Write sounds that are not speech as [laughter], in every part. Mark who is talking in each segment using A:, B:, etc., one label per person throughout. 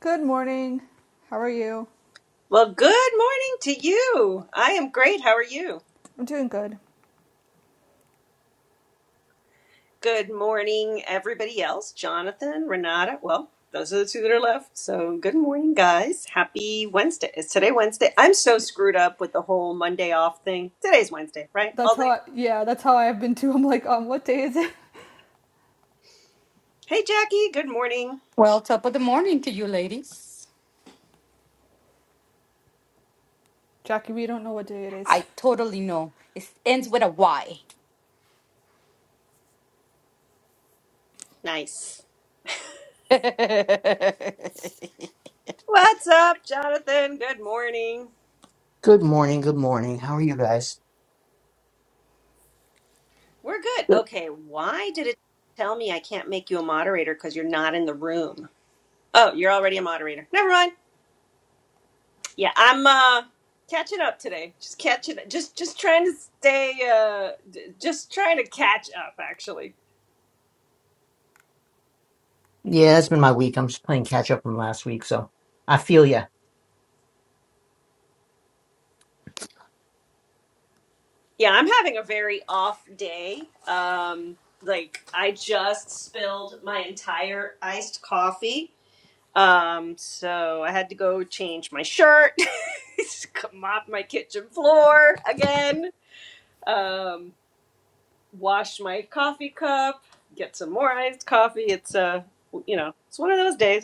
A: Good morning. How are you?
B: Well, good morning to you. I am great. How are you?
A: I'm doing good.
B: Good morning, everybody else. Jonathan, Renata. Well, those are the two that are left. So, good morning, guys. Happy Wednesday. It's today Wednesday. I'm so screwed up with the whole Monday off thing. Today's Wednesday, right?
A: That's
B: All
A: how.
B: day.
A: I, yeah, that's how I've been too. [laughs] I'm like, um, what day is it?
B: Hey, Jackie. Good morning.
C: Well, top of the morning to you, ladies.
A: Jackie, we don't know what day it is.
C: I totally know. It ends with a Y.
B: Nice. What's up, Jonathan? Good morning.
D: Good morning. Good morning. How are you guys?
B: We're good. Okay. Why did it tell me I can't make you a moderator because you're not in the room? Oh, you're already a moderator. Never mind. Yeah, I'm uh catching up today. Just catching just just trying to stay uh d- just trying to catch up actually.
D: Yeah, it's been my week. I'm just playing catch up from last week, so I feel ya.
B: Yeah, I'm having a very off day. Um like I just spilled my entire iced coffee. Um so I had to go change my shirt, [laughs] mop my kitchen floor again, um wash my coffee cup, get some more iced coffee. It's uh you know, it's one of those days.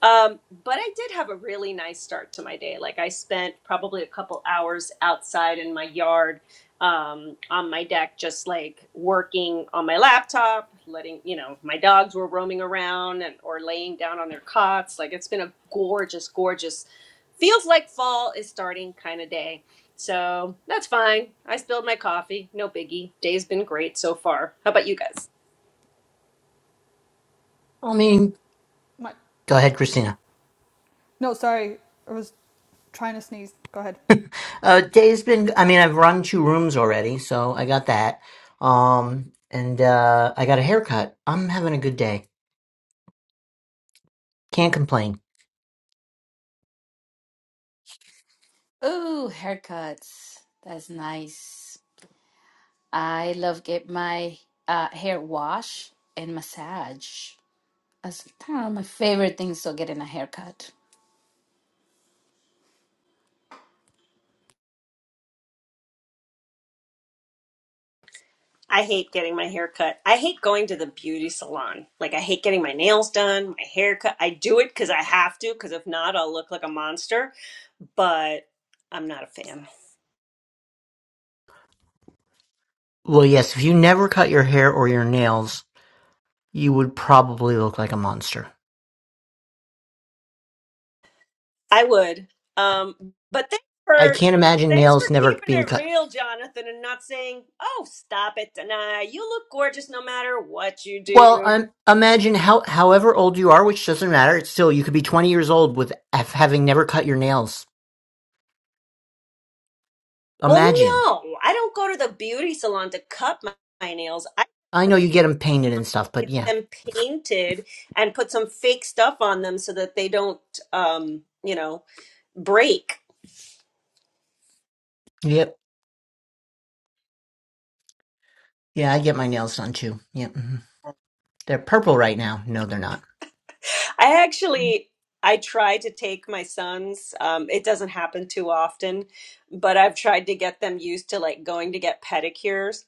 B: Um, but I did have a really nice start to my day. Like I spent probably a couple hours outside in my yard, um, on my deck, just like working on my laptop, letting, you know, my dogs were roaming around and or laying down on their cots. Like it's been a gorgeous, gorgeous, feels like fall is starting kind of day. So that's fine. I spilled my coffee, no biggie. Day's been great so far. How about you guys?
D: I mean,
A: My,
D: go ahead, Christina.
A: no, sorry, I was trying to sneeze. Go ahead.
D: Uh, day's been. I mean, I've run two rooms already, so I got that. Um, and uh, I got a haircut. I'm having a good day. Can't complain.
C: [laughs] Ooh, haircuts. That's nice. I love get my uh, hair wash and massage. That's kind of my favorite things. So getting a haircut.
B: I hate getting my hair cut. I hate going to the beauty salon. Like I hate getting my nails done, my hair cut. I do it cuz I have to cuz if not I'll look like a monster, but I'm not a fan.
D: Well, yes, if you never cut your hair or your nails, you would probably look like a monster.
B: I would. Um but thanks
D: I
B: for
D: can't imagine
B: thanks for
D: nails never
B: keeping
D: being
B: it
D: cut.
B: real, Jonathan, and not saying, "Oh, stop it, Dana. You look gorgeous no matter what you do."
D: Well, um, imagine how however old you are, which doesn't matter. It's still you could be 20 years old with af- having never cut your nails.
B: Well,
D: Imagine.
B: no. I don't go to the beauty salon to cut my, my nails.
D: I know you get them painted and stuff, but yeah,
B: them painted and put some fake stuff on them so that they don't um, you know break
D: yep, yeah, I get my nails done too. Yep, mhm. they're purple right now. No, they're not.
B: I actually I try to take my sons. Um, it doesn't happen too often, but I've tried to get them used to like going to get pedicures.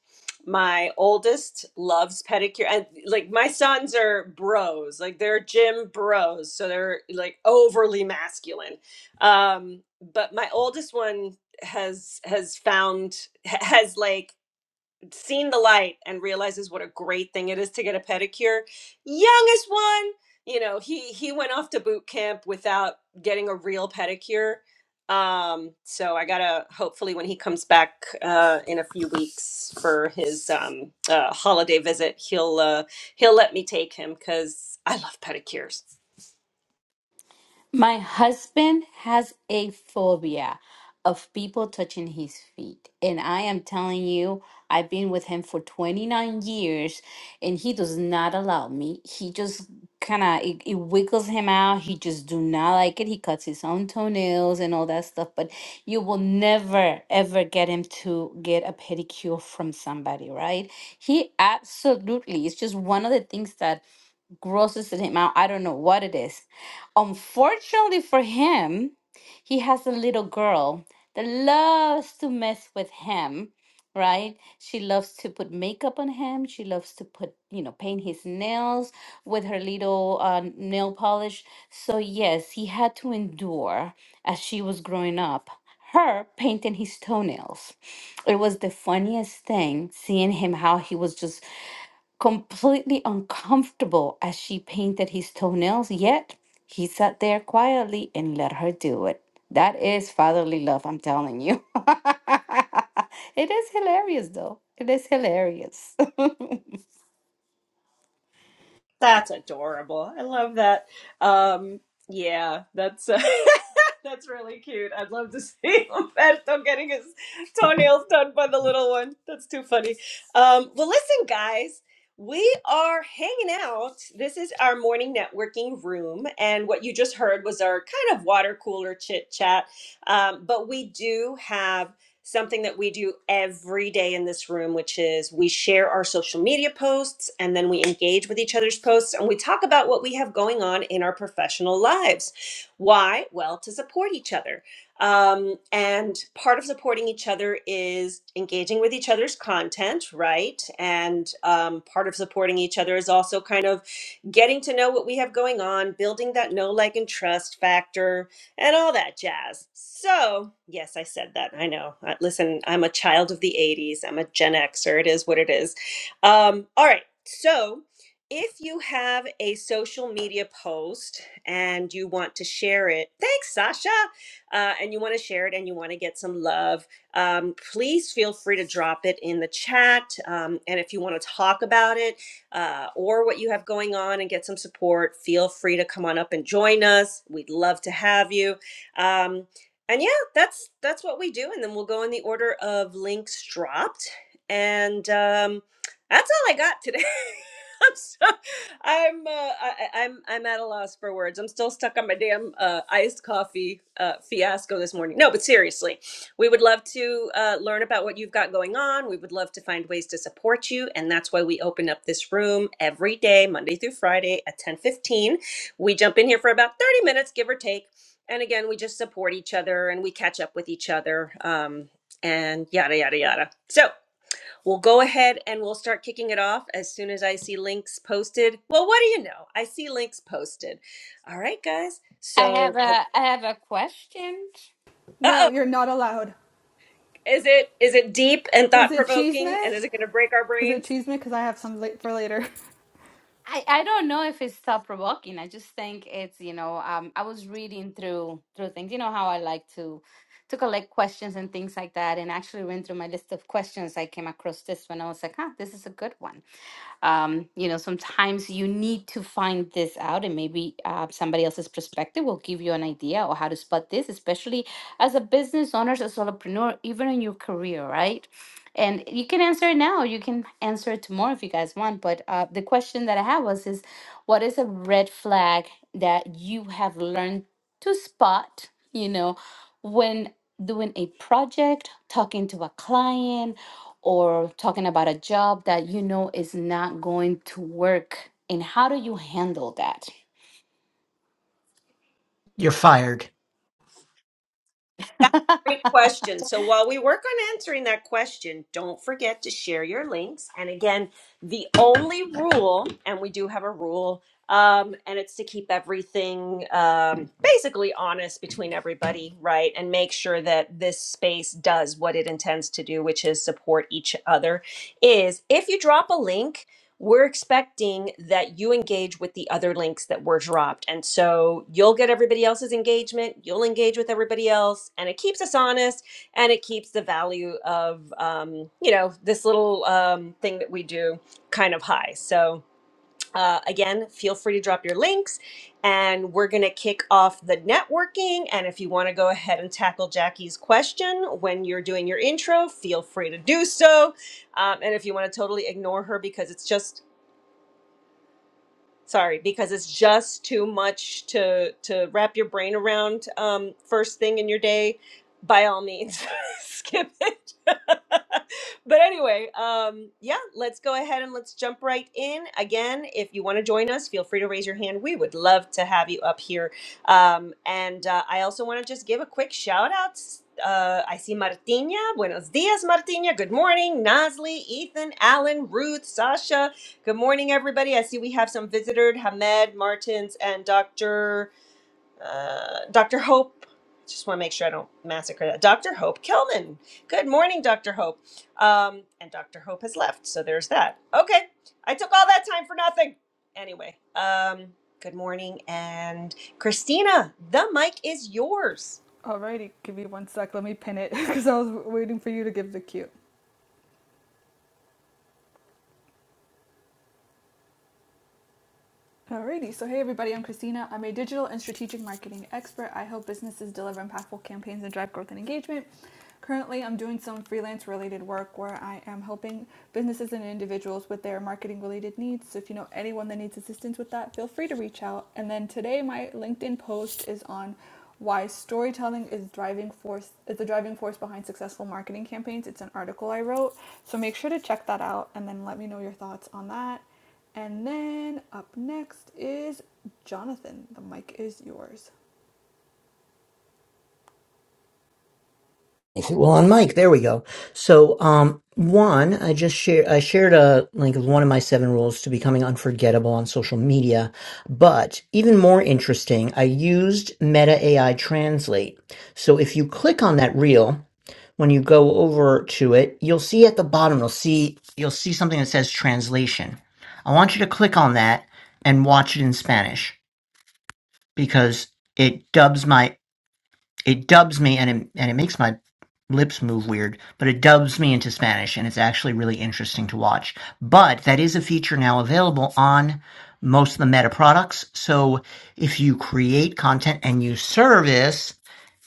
B: My oldest loves pedicure, and like my sons are bros, like they're gym bros, so they're like overly masculine. Um, but my oldest one has has found has like seen the light and realizes what a great thing it is to get a pedicure. Youngest one, you know, he he went off to boot camp without getting a real pedicure. Um, so I gotta hopefully when he comes back uh, in a few weeks for his um, uh, holiday visit, he'll uh, he'll let me take him because I love pedicures.
C: My husband has a phobia of people touching his feet. And I am telling you, I've been with him for 29 years and he does not allow me. He just kind of it, it wiggles him out. He just do not like it. He cuts his own toenails and all that stuff, but you will never ever get him to get a pedicure from somebody, right? He absolutely. It's just one of the things that grosses him out. I don't know what it is. Unfortunately for him, he has a little girl that loves to mess with him, right? She loves to put makeup on him. She loves to put, you know, paint his nails with her little uh, nail polish. So, yes, he had to endure as she was growing up. Her painting his toenails. It was the funniest thing seeing him how he was just completely uncomfortable as she painted his toenails, yet he sat there quietly and let her do it. That is fatherly love, I'm telling you. [laughs] it is hilarious though. It is hilarious. [laughs]
B: That's adorable. I love that. Um, yeah, that's uh, [laughs] [laughs] That's really cute. I'd love to [laughs] see Humberto getting his toenails done by the little one. That's too funny. Um, well, listen, guys, we are hanging out. This is our morning networking room. And what you just heard was our kind of water cooler chit chat. Um, but we do have something that we do every day in this room, which is we share our social media posts and then we engage with each other's posts and we talk about what we have going on in our professional lives. Why? Well, to support each other. Um, and part of supporting each other is engaging with each other's content, right? And um, part of supporting each other is also kind of getting to know what we have going on, building that know, like, and trust factor, and all that jazz. So, yes, I said that. I know. Uh, Listen, I'm a child of the 80s, I'm a Gen Xer. It is what it is. Um, all right. So, if you have a social media post, and you want to share it, thanks, Sasha, uh, and you want to share it and you want to get some love, um, please feel free to drop it in the chat. Um, and if you want to talk about it uh, or what you have going on and get some support, feel free to come on up and join us. We'd love to have you. Um, and yeah, that's that's what we do, and then we'll go in the order of links dropped. And um, that's all I got today. [laughs] I'm so I'm uh, I, I- am I'm at a loss for words. I'm still stuck on my damn uh, iced coffee uh, fiasco this morning. No, but seriously, we would love to uh, learn about what you've got going on. We would love to find ways to support you, and that's why we open up this room every day, Monday through Friday at 10:15. We jump in here for about 30 minutes, give or take, and again, we just support each other and we catch up with each other. Um, and yada yada yada. So We'll go ahead and we'll start kicking it off as soon as I see links posted. Well, what do you know? I see links posted. All right, guys.
C: I have
B: So,
C: a I have a question.
B: uh
A: No,
B: oh,
A: you're not allowed.
B: is it is it deep and
A: Is
B: thought
A: it
B: provoking,
A: Cheesemith?
B: and is it going to break our
A: Is it
B: brains?
A: Cheesemith? Because I have some late for later.
C: I, I don't know if it's thought provoking. I just think it's, you know, um I was reading through through things. You know how I like to to collect questions and things like that and actually went through my list of questions. I came across this one. I was like, huh, this is a good one. um, you know sometimes you need to find this out and maybe uh, somebody else's perspective will give you an idea or how to spot this especially as a business owner as a solopreneur even in your career right and you can answer it now you can answer it tomorrow if you guys want but uh, the question that i have was is what is a red flag that you have learned to spot you know when doing a project talking to a client or talking about a job that you know is not going to work. And how do you handle that?
D: You're fired.
B: That's a great
C: [laughs]
B: question. So while we work on answering that question, don't forget to share your links. And again, the only rule, and we do have a rule, um, and it's to keep everything um, basically honest between everybody, right? And make sure that this space does what it intends to do, which is support each other. Is if you drop a link, we're expecting that you engage with the other links that were dropped. And so you'll get everybody else's engagement, you'll engage with everybody else, and it keeps us honest and it keeps the value of, um, you know, this little um, thing that we do kind of high. So, uh, again, feel free to drop your links and we're going to kick off the networking. And if you want to go ahead and tackle Jackie's question when you're doing your intro, feel free to do so. Um, and if you want to totally ignore her because it's just sorry because it's just too much to to wrap your brain around um first thing in your day by all means [laughs] skip it [laughs] but anyway um yeah let's go ahead and let's jump right in again if you want to join us feel free to raise your hand we would love to have you up here um and uh, i also want to just give a quick shout out uh, I see Martina. Buenos dias, Martina. Good morning. Nasli, Ethan, Alan, Ruth, Sasha, Good morning, everybody. I see we have some visitors, Hamed, Martins, and Dr. Uh, Dr. Hope. Just want to make sure I don't massacre that. Dr. Hope Kelman. Good morning, Dr. Hope. Um, and Dr. Hope has left, so there's that. Okay, I took all that time for nothing. Anyway, um, good morning, and Christina, the mic is yours.
A: Alrighty, give me one sec. Let me pin it [laughs] because I was waiting for you to give the cute. Alrighty, so hey everybody, I'm Christina. I'm a digital and strategic marketing expert. I help businesses deliver impactful campaigns and drive growth and engagement. Currently, I'm doing some freelance related work where I am helping businesses and individuals with their marketing related needs. So if you know anyone that needs assistance with that, feel free to reach out. And then today, my LinkedIn post is on why storytelling is driving force is the driving force behind successful marketing campaigns. It's an article I wrote, so make sure to check that out and then let me know your thoughts on that. And then up next is Jonathan. The mic is yours.
D: [laughs] I said, Well, on Mike, there we go. So, um, one, I just shared, I shared a link of one of my seven rules to becoming unforgettable on social media. But even more interesting, I used Meta AI Translate. So if you click on that reel, when you go over to it, you'll see at the bottom, you'll see, you'll see something that says translation. I want you to click on that and watch it in Spanish because it dubs my it dubs me and it, and it makes my lips move weird, but it dubs me into Spanish and it's actually really interesting to watch. But that is a feature now available on most of the meta products. So if you create content and you service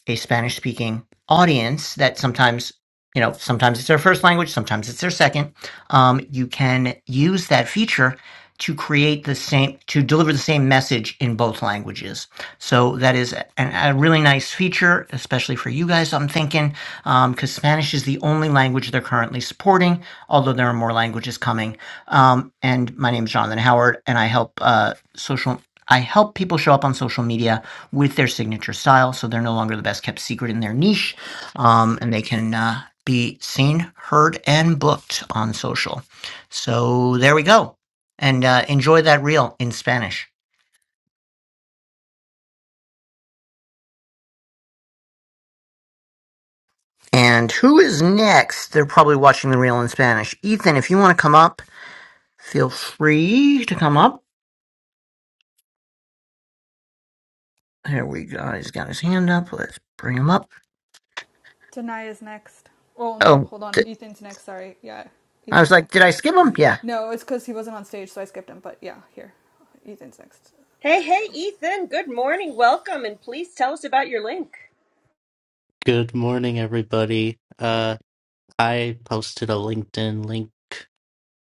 D: a Spanish speaking audience that sometimes, you know, sometimes it's their first language, sometimes it's their second, um, you can use that feature to create the same, to deliver the same message in both languages. So that is a, a really nice feature, especially for you guys, I'm thinking, because Spanish is the only language they're currently supporting, although there are more languages coming. Um, and my name is Jonathan Howard, and I help uh, social. I help people show up on social media with their signature style, so they're no longer the best kept secret in their niche, um, and they can uh, be seen, heard, and booked on social. So there we go, and uh, enjoy that reel in Spanish. And who is next? They're probably watching the reel in Spanish. Ethan, if you want to come up, feel free to come up. Here we go. He's got his hand up. Let's bring him up.
A: Danaya's next. Oh no,
D: Oh,
A: hold on.
D: di-
A: Ethan's next. Sorry. Yeah,
D: I was
A: Ethan's
D: like,
A: next.
D: did I skip him? Yeah.
A: No, it's because he wasn't on stage, so I skipped him. But yeah, here. Ethan's next.
B: Hey,
A: There we
B: hey,
A: go.
B: Ethan. Good morning. Welcome, and please tell us about your link.
E: Good morning, everybody. Uh, I posted a LinkedIn link.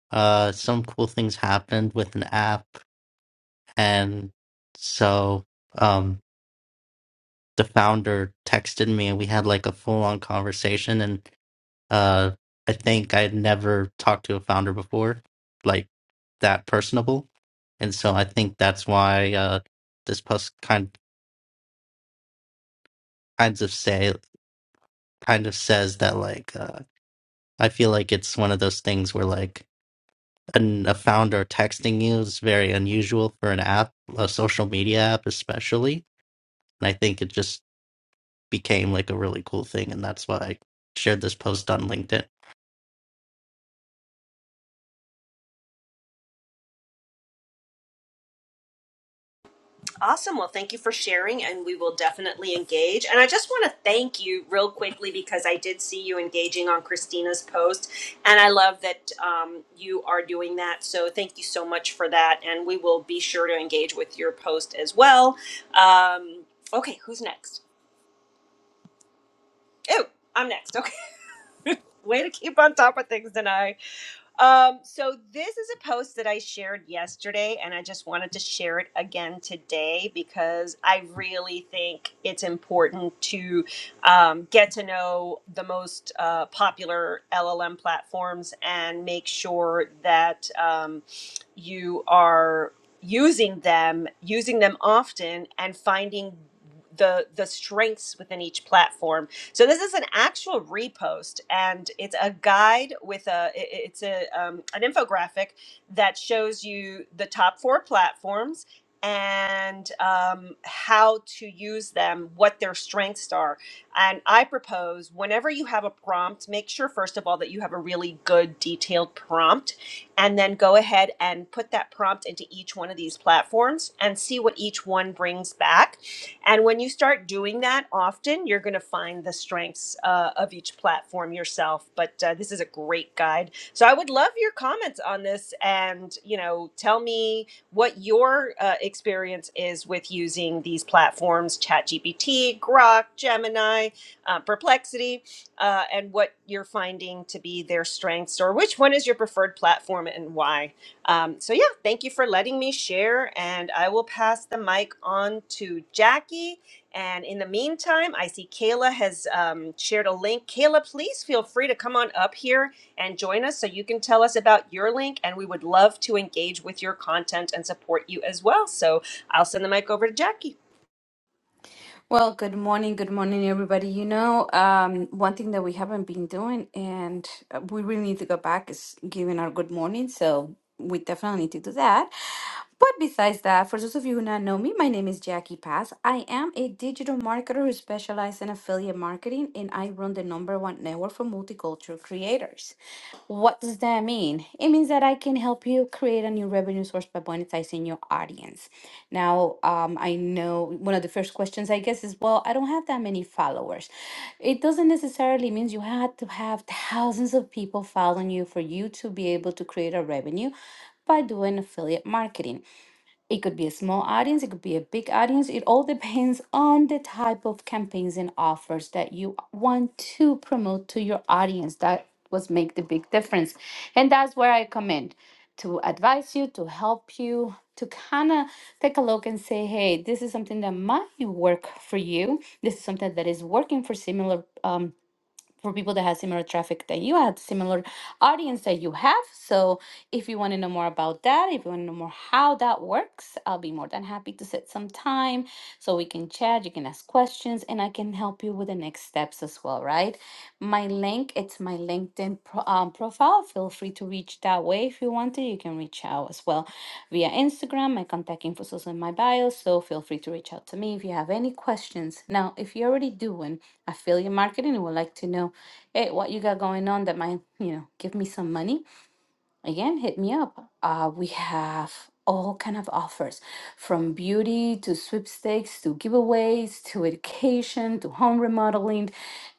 E: Uh, some cool things happened with an app, and so um, the founder texted me, and we had like a full-on conversation. And uh, I think I'd never talked to a founder before, like that personable. And so I think that's why uh, this post kind kinds of say kind of says that like uh, I feel like it's one of those things where like an, a founder texting you is very unusual for an app, a social media app especially. And I think it just became like a really cool thing, and that's why I shared this post on LinkedIn.
B: Awesome. Well, thank you for sharing, and we will definitely engage. And I just want to thank you real quickly because I did see you engaging on Christina's post, and I love that um, you are doing that. So thank you so much for that, and we will be sure to engage with your post as well. Um, okay, who's next? Oh, I'm next. Okay, [laughs] way to keep on top of things, Denai. Um, so this is a post that I shared yesterday, and I just wanted to share it again today because I really think it's important to um, get to know the most uh, popular LLM platforms and make sure that um, you are using them, using them often, and finding the the strengths within each platform so this is an actual repost, and it's a guide with a it's a um, an infographic that shows you the top four platforms and um, how to use them, what their strengths are. And I propose whenever you have a prompt, make sure first of all that you have a really good detailed prompt, and then go ahead and put that prompt into each one of these platforms and see what each one brings back and when you start doing that often, you're going to find the strengths uh, of each platform yourself. But uh, this is a great guide. So I would love your comments on this and, you know, tell me what your uh, experience is with using these platforms ChatGPT, Grok, Gemini, uh, Perplexity, uh, and what you're finding to be their strengths or which one is your preferred platform and why. Um, so, yeah, thank you for letting me share. And I will pass the mic on to Jackie. And in the meantime, I see Kayla has um, shared a link. Kayla, please feel free to come on up here and join us so you can tell us about your link. And we would love to engage with your content and support you as well. So, I'll send the mic over to Jackie.
C: well, good morning. Good morning, everybody. You know, um, one thing that we haven't been doing and uh, we really need to go back is giving our good morning. So we definitely need to do that. But besides that, for those of you who not know me, my name is Jackie Pass. I am a digital marketer who specializes in affiliate marketing and I run the number one network for multicultural creators. What does that mean? It means that I can help you create a new revenue source by monetizing your audience. Now, um, I know one of the first questions I guess is, well, I don't have that many followers. It doesn't necessarily mean you had to have thousands of people following you for you to be able to create a revenue by doing affiliate marketing. It could be a small audience, it could be a big audience. It all depends on the type of campaigns and offers that you want to promote to your audience. That was make the big difference. And that's where I come in to advise you, to help you, to kind of take a look and say, hey, this is something that might work for you. This is something that is working for similar um, for people that have similar traffic that you have, similar audience that you have. So if you want to know more about that, if you want to know more how that works, I'll be more than happy to set some time so we can chat, you can ask questions, and I can help you with the next steps as well, right? My link, it's my LinkedIn pro- um, profile. Feel free to reach that way if you want to. You can reach out as well via Instagram. My contact info is also in my bio, so feel free to reach out to me if you have any questions. Now, if you're already doing affiliate marketing and would like to know hey, what you got going on that might, you know, give me some money? Again, hit me up. Uh, we have all kind of offers from beauty to sweepstakes to giveaways to education to home remodeling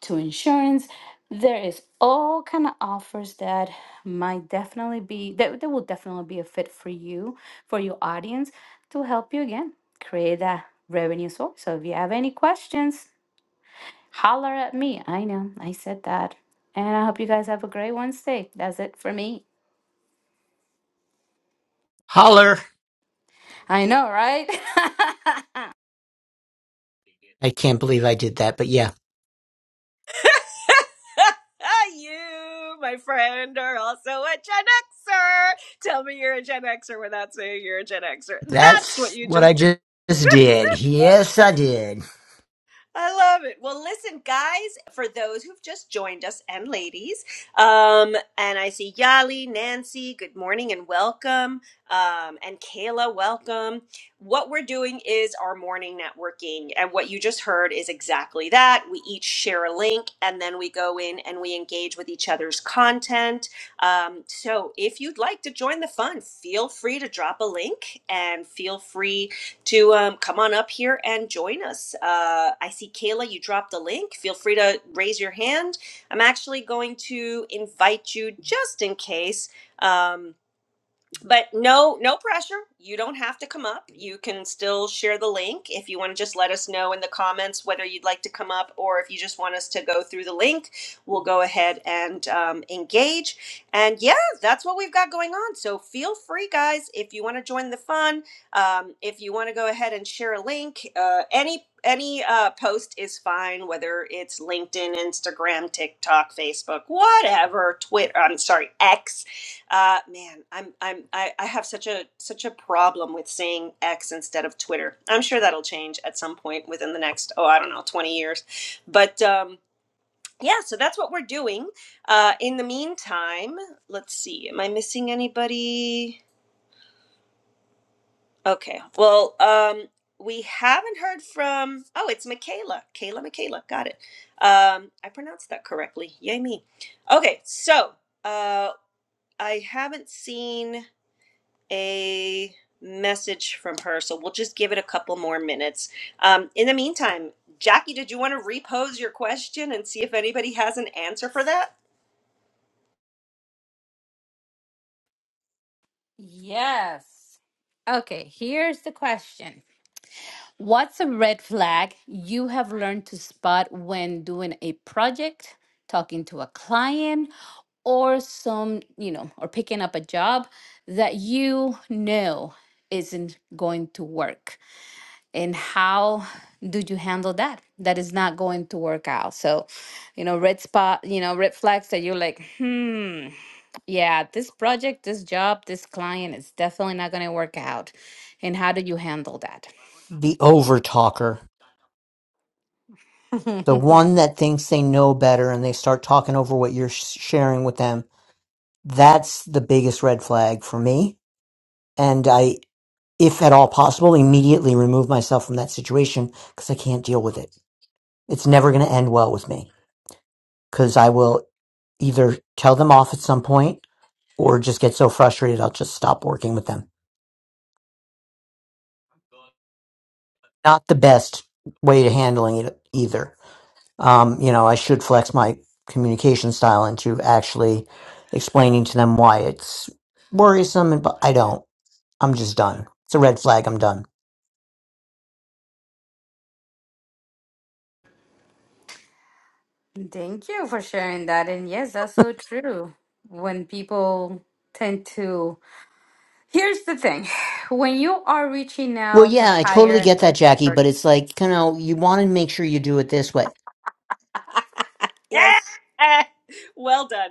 C: to insurance. There is all kind of offers that might definitely be that, that will definitely be a fit for you, for your audience to help you again create that revenue source. So if you have any questions, Holler at me. I know. I said that. And I hope you guys have a great Wednesday. That's it for me.
D: Holler.
C: I know, right? [laughs]
D: I can't believe I did that, but yeah.
B: [laughs] you, my friend, are also a Gen Xer. Tell me you're a Gen Xer without saying you're a Gen Xer. That's what
D: That's
B: you
D: what I
B: just did.
D: just did. Yes, I did.
B: I love it. Well, listen, guys, for those who've just joined us and ladies, um, and I see Yali, Nancy, good morning and welcome, um, and Kayla, welcome. What we're doing is our morning networking, and what you just heard is exactly that. We each share a link, and then we go in and we engage with each other's content. Um, so if you'd like to join the fun, feel free to drop a link and feel free to um, come on up here and join us. Uh, I see Kayla, you dropped a link. Feel free to raise your hand. I'm actually going to invite you just in case. Um, but no no pressure you don't have to come up you can still share the link if you want to just let us know in the comments whether you'd like to come up or if you just want us to go through the link we'll go ahead and um, engage and yeah that's what we've got going on so feel free guys if you want to join the fun um, if you want to go ahead and share a link uh, any any uh, post is fine whether it's linkedin instagram tiktok facebook whatever twitter i'm sorry x uh, man, I'm I'm I, I have such a such a problem with saying X instead of Twitter. I'm sure that'll change at some point within the next oh I don't know 20 years, but um, yeah. So that's what we're doing. Uh, in the meantime, let's see. Am I missing anybody? Okay. Well, um, we haven't heard from. Oh, it's Michaela. Kayla. Michaela. Got it. Um, I pronounced that correctly. Yay me. Okay. So uh, I haven't seen. a message from her, so we'll just give it a couple more minutes. Um, in the meantime, Jackie, did you want to repose your question and see if anybody has an answer for that?
C: yes. Okay, here's the question What's a red flag you have learned to spot when doing a project, talking to a client, or some, you know, or picking up a job that you know isn't going to work? and how do you handle that that is not going to work out so you know red spot you know red flags that you're like hmm yeah this project this job this client is definitely not going to work out and how do you handle that
D: The over talker. The
C: [laughs]
D: one that thinks they know better and they start talking over what you're sh- sharing with them. That's the biggest red flag for me. And I, if at all possible, immediately remove myself from that situation because I can't deal with it. It's never going to end well with me because I will either tell them off at some point or just get so frustrated I'll just stop working with them. Not the best way to handling it either. um, you know, I should flex my communication style into actually explaining to them why it's worrisome, and but I don't. I'm just done. It's a red flag. I'm done.
C: thank you for sharing that and yes that's so true when people tend to here's the thing [sighs] when you are reaching
D: Well,
C: out to
D: yeah, I
C: hire
D: totally
C: an
D: get that, Jackie,
C: expert
D: but it's like, you know, you want to make sure you do it this way.
C: Yes.
B: [laughs] well done.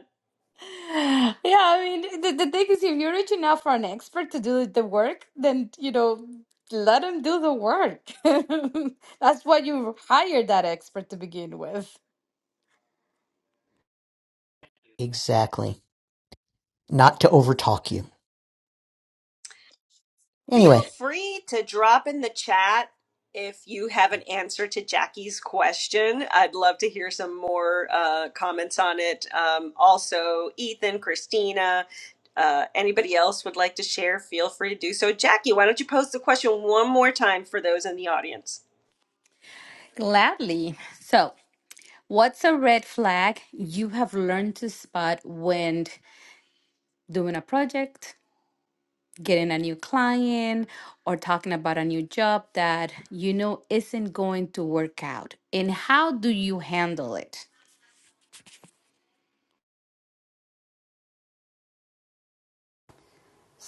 C: Yeah, I mean, the, the thing is, if you're rich enough for an expert to do the work, then, you know, let him do the work. [laughs] That's why you hired that expert to begin with.
D: Exactly. Not to overtalk you.
B: Feel
D: Anyway,
B: free to drop in the chat if you have an answer to Jackie's question. I'd love to hear some more uh, comments on it. Um, also, Ethan, Christina, uh, anybody else would like to share, feel free to do so. Jackie, why don't you pose the question one more time for those in the audience?
C: Gladly. So, what's a red flag you have learned to spot when doing a project, getting a new client, or talking about a new job that you know isn't going to work out? And how do you handle it?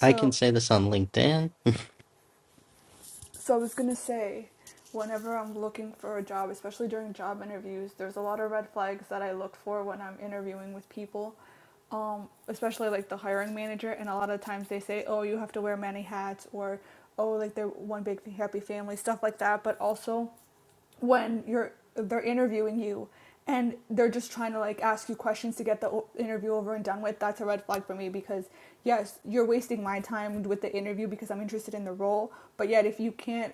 E: I can say this on LinkedIn.
A: So I was gonna say, whenever I'm looking for a job, especially during job interviews, there's a lot of red flags that I look for when I'm interviewing with people, um, especially like the hiring manager. And a lot of times they say, "Oh, you have to wear many hats," or "Oh, like they're one big happy family," stuff like that. But also when you're they're interviewing you and they're just trying to like ask you questions to get the interview over and done with that's a red flag for me because yes you're wasting my time with the interview because i'm interested in the role but yet if you can't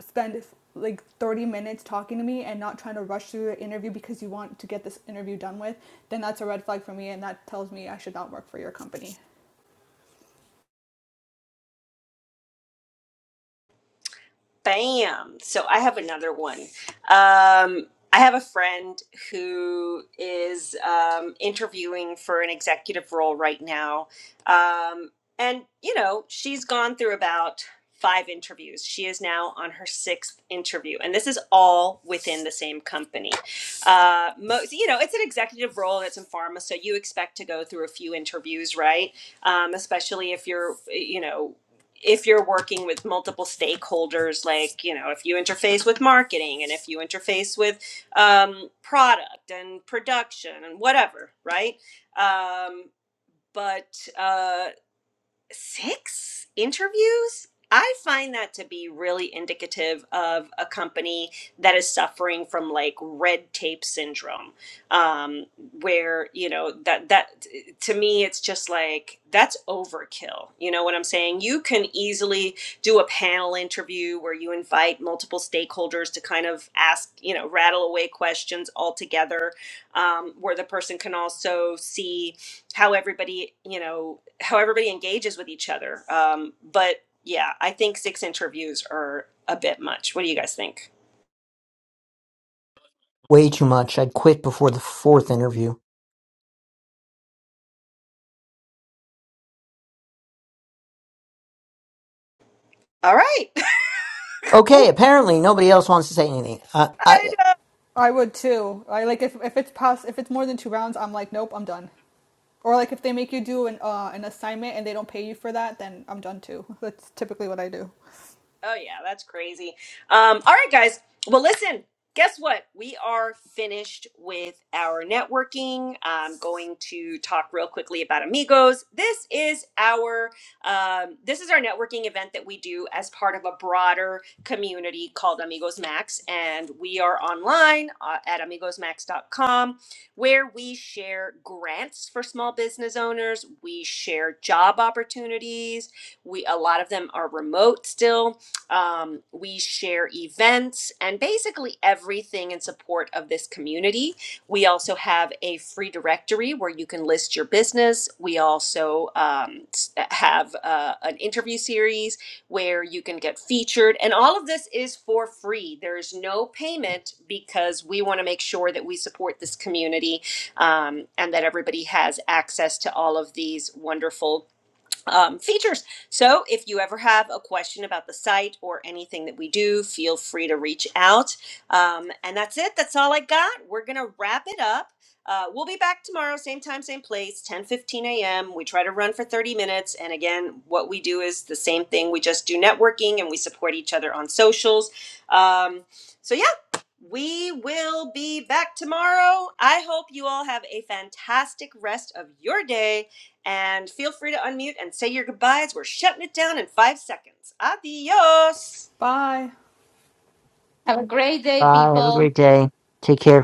A: spend like 30 minutes talking to me and not trying to rush through the interview because you want to get this interview done with, then that's a red flag for me and that tells me I should not work for your company.
B: Bam. So I have another one. Um, I have a friend who is um, interviewing for an executive role right now. Um, and, you know, she's gone through about five interviews. She is now on her sixth interview. And this is all within the same company. Uh, most, you know, it's an executive role and it's in pharma. So you expect to go through a few interviews, right? Um, especially if you're, you know, if you're working with multiple stakeholders, like, you know, if you interface with marketing and if you interface with um, product and production and whatever, right? Um, but uh, six interviews. I find that to be really indicative of a company that is suffering from like red tape syndrome, um, where you know that that to me it's just like that's overkill. You know what I'm saying? You can easily do a panel interview where you invite multiple stakeholders to kind of ask you know rattle away questions all together, um, where the person can also see how everybody you know how everybody engages with each other. Um, but yeah, I think six interviews are a bit much. What do you guys think?
D: way too much. I'd quit before the fourth interview.
B: All right. [laughs] Cool.
D: Okay, apparently nobody else wants to say anything. Uh, I,
A: I would too. I like if, if it's past if it's more than two rounds, I'm like, nope, I'm done. Or like if they make you do an uh, an assignment and they don't pay you for that, then I'm done too. That's typically what I do.
B: Oh yeah, that's crazy. Um, all right, guys. Well, listen. Guess what? We are finished with our networking. I'm going to talk real quickly about Amigos. This is our um, this is our networking event that we do as part of a broader community called Amigos Max, and we are online uh, at amigosmax.com, where we share grants for small business owners. We share job opportunities. We a lot of them are remote still um, we share events and basically everything in support of this community. We also have a free directory where you can list your business. We also um, have uh, an interview series where you can get featured. And all of this is for free. There is no payment because we want to make sure that we support this community um, and that everybody has access to all of these wonderful um, features. So if you ever have a question about the site or anything that we do, feel free to reach out. Um, and that's it. That's all I got. We're going to wrap it up. Uh, we'll be back tomorrow, same time, same place, 10 15 a.m. We try to run for 30 minutes. And again, what we do is the same thing. We just do networking and we support each other on socials. Um, so, yeah, we will be back tomorrow. I hope you all have a fantastic rest of your day and feel free to unmute and say your goodbyes. We're shutting it down in five seconds. Adios.
A: Bye.
C: Have a great day,
D: bye. Have a
C: people.
D: great day. Take care.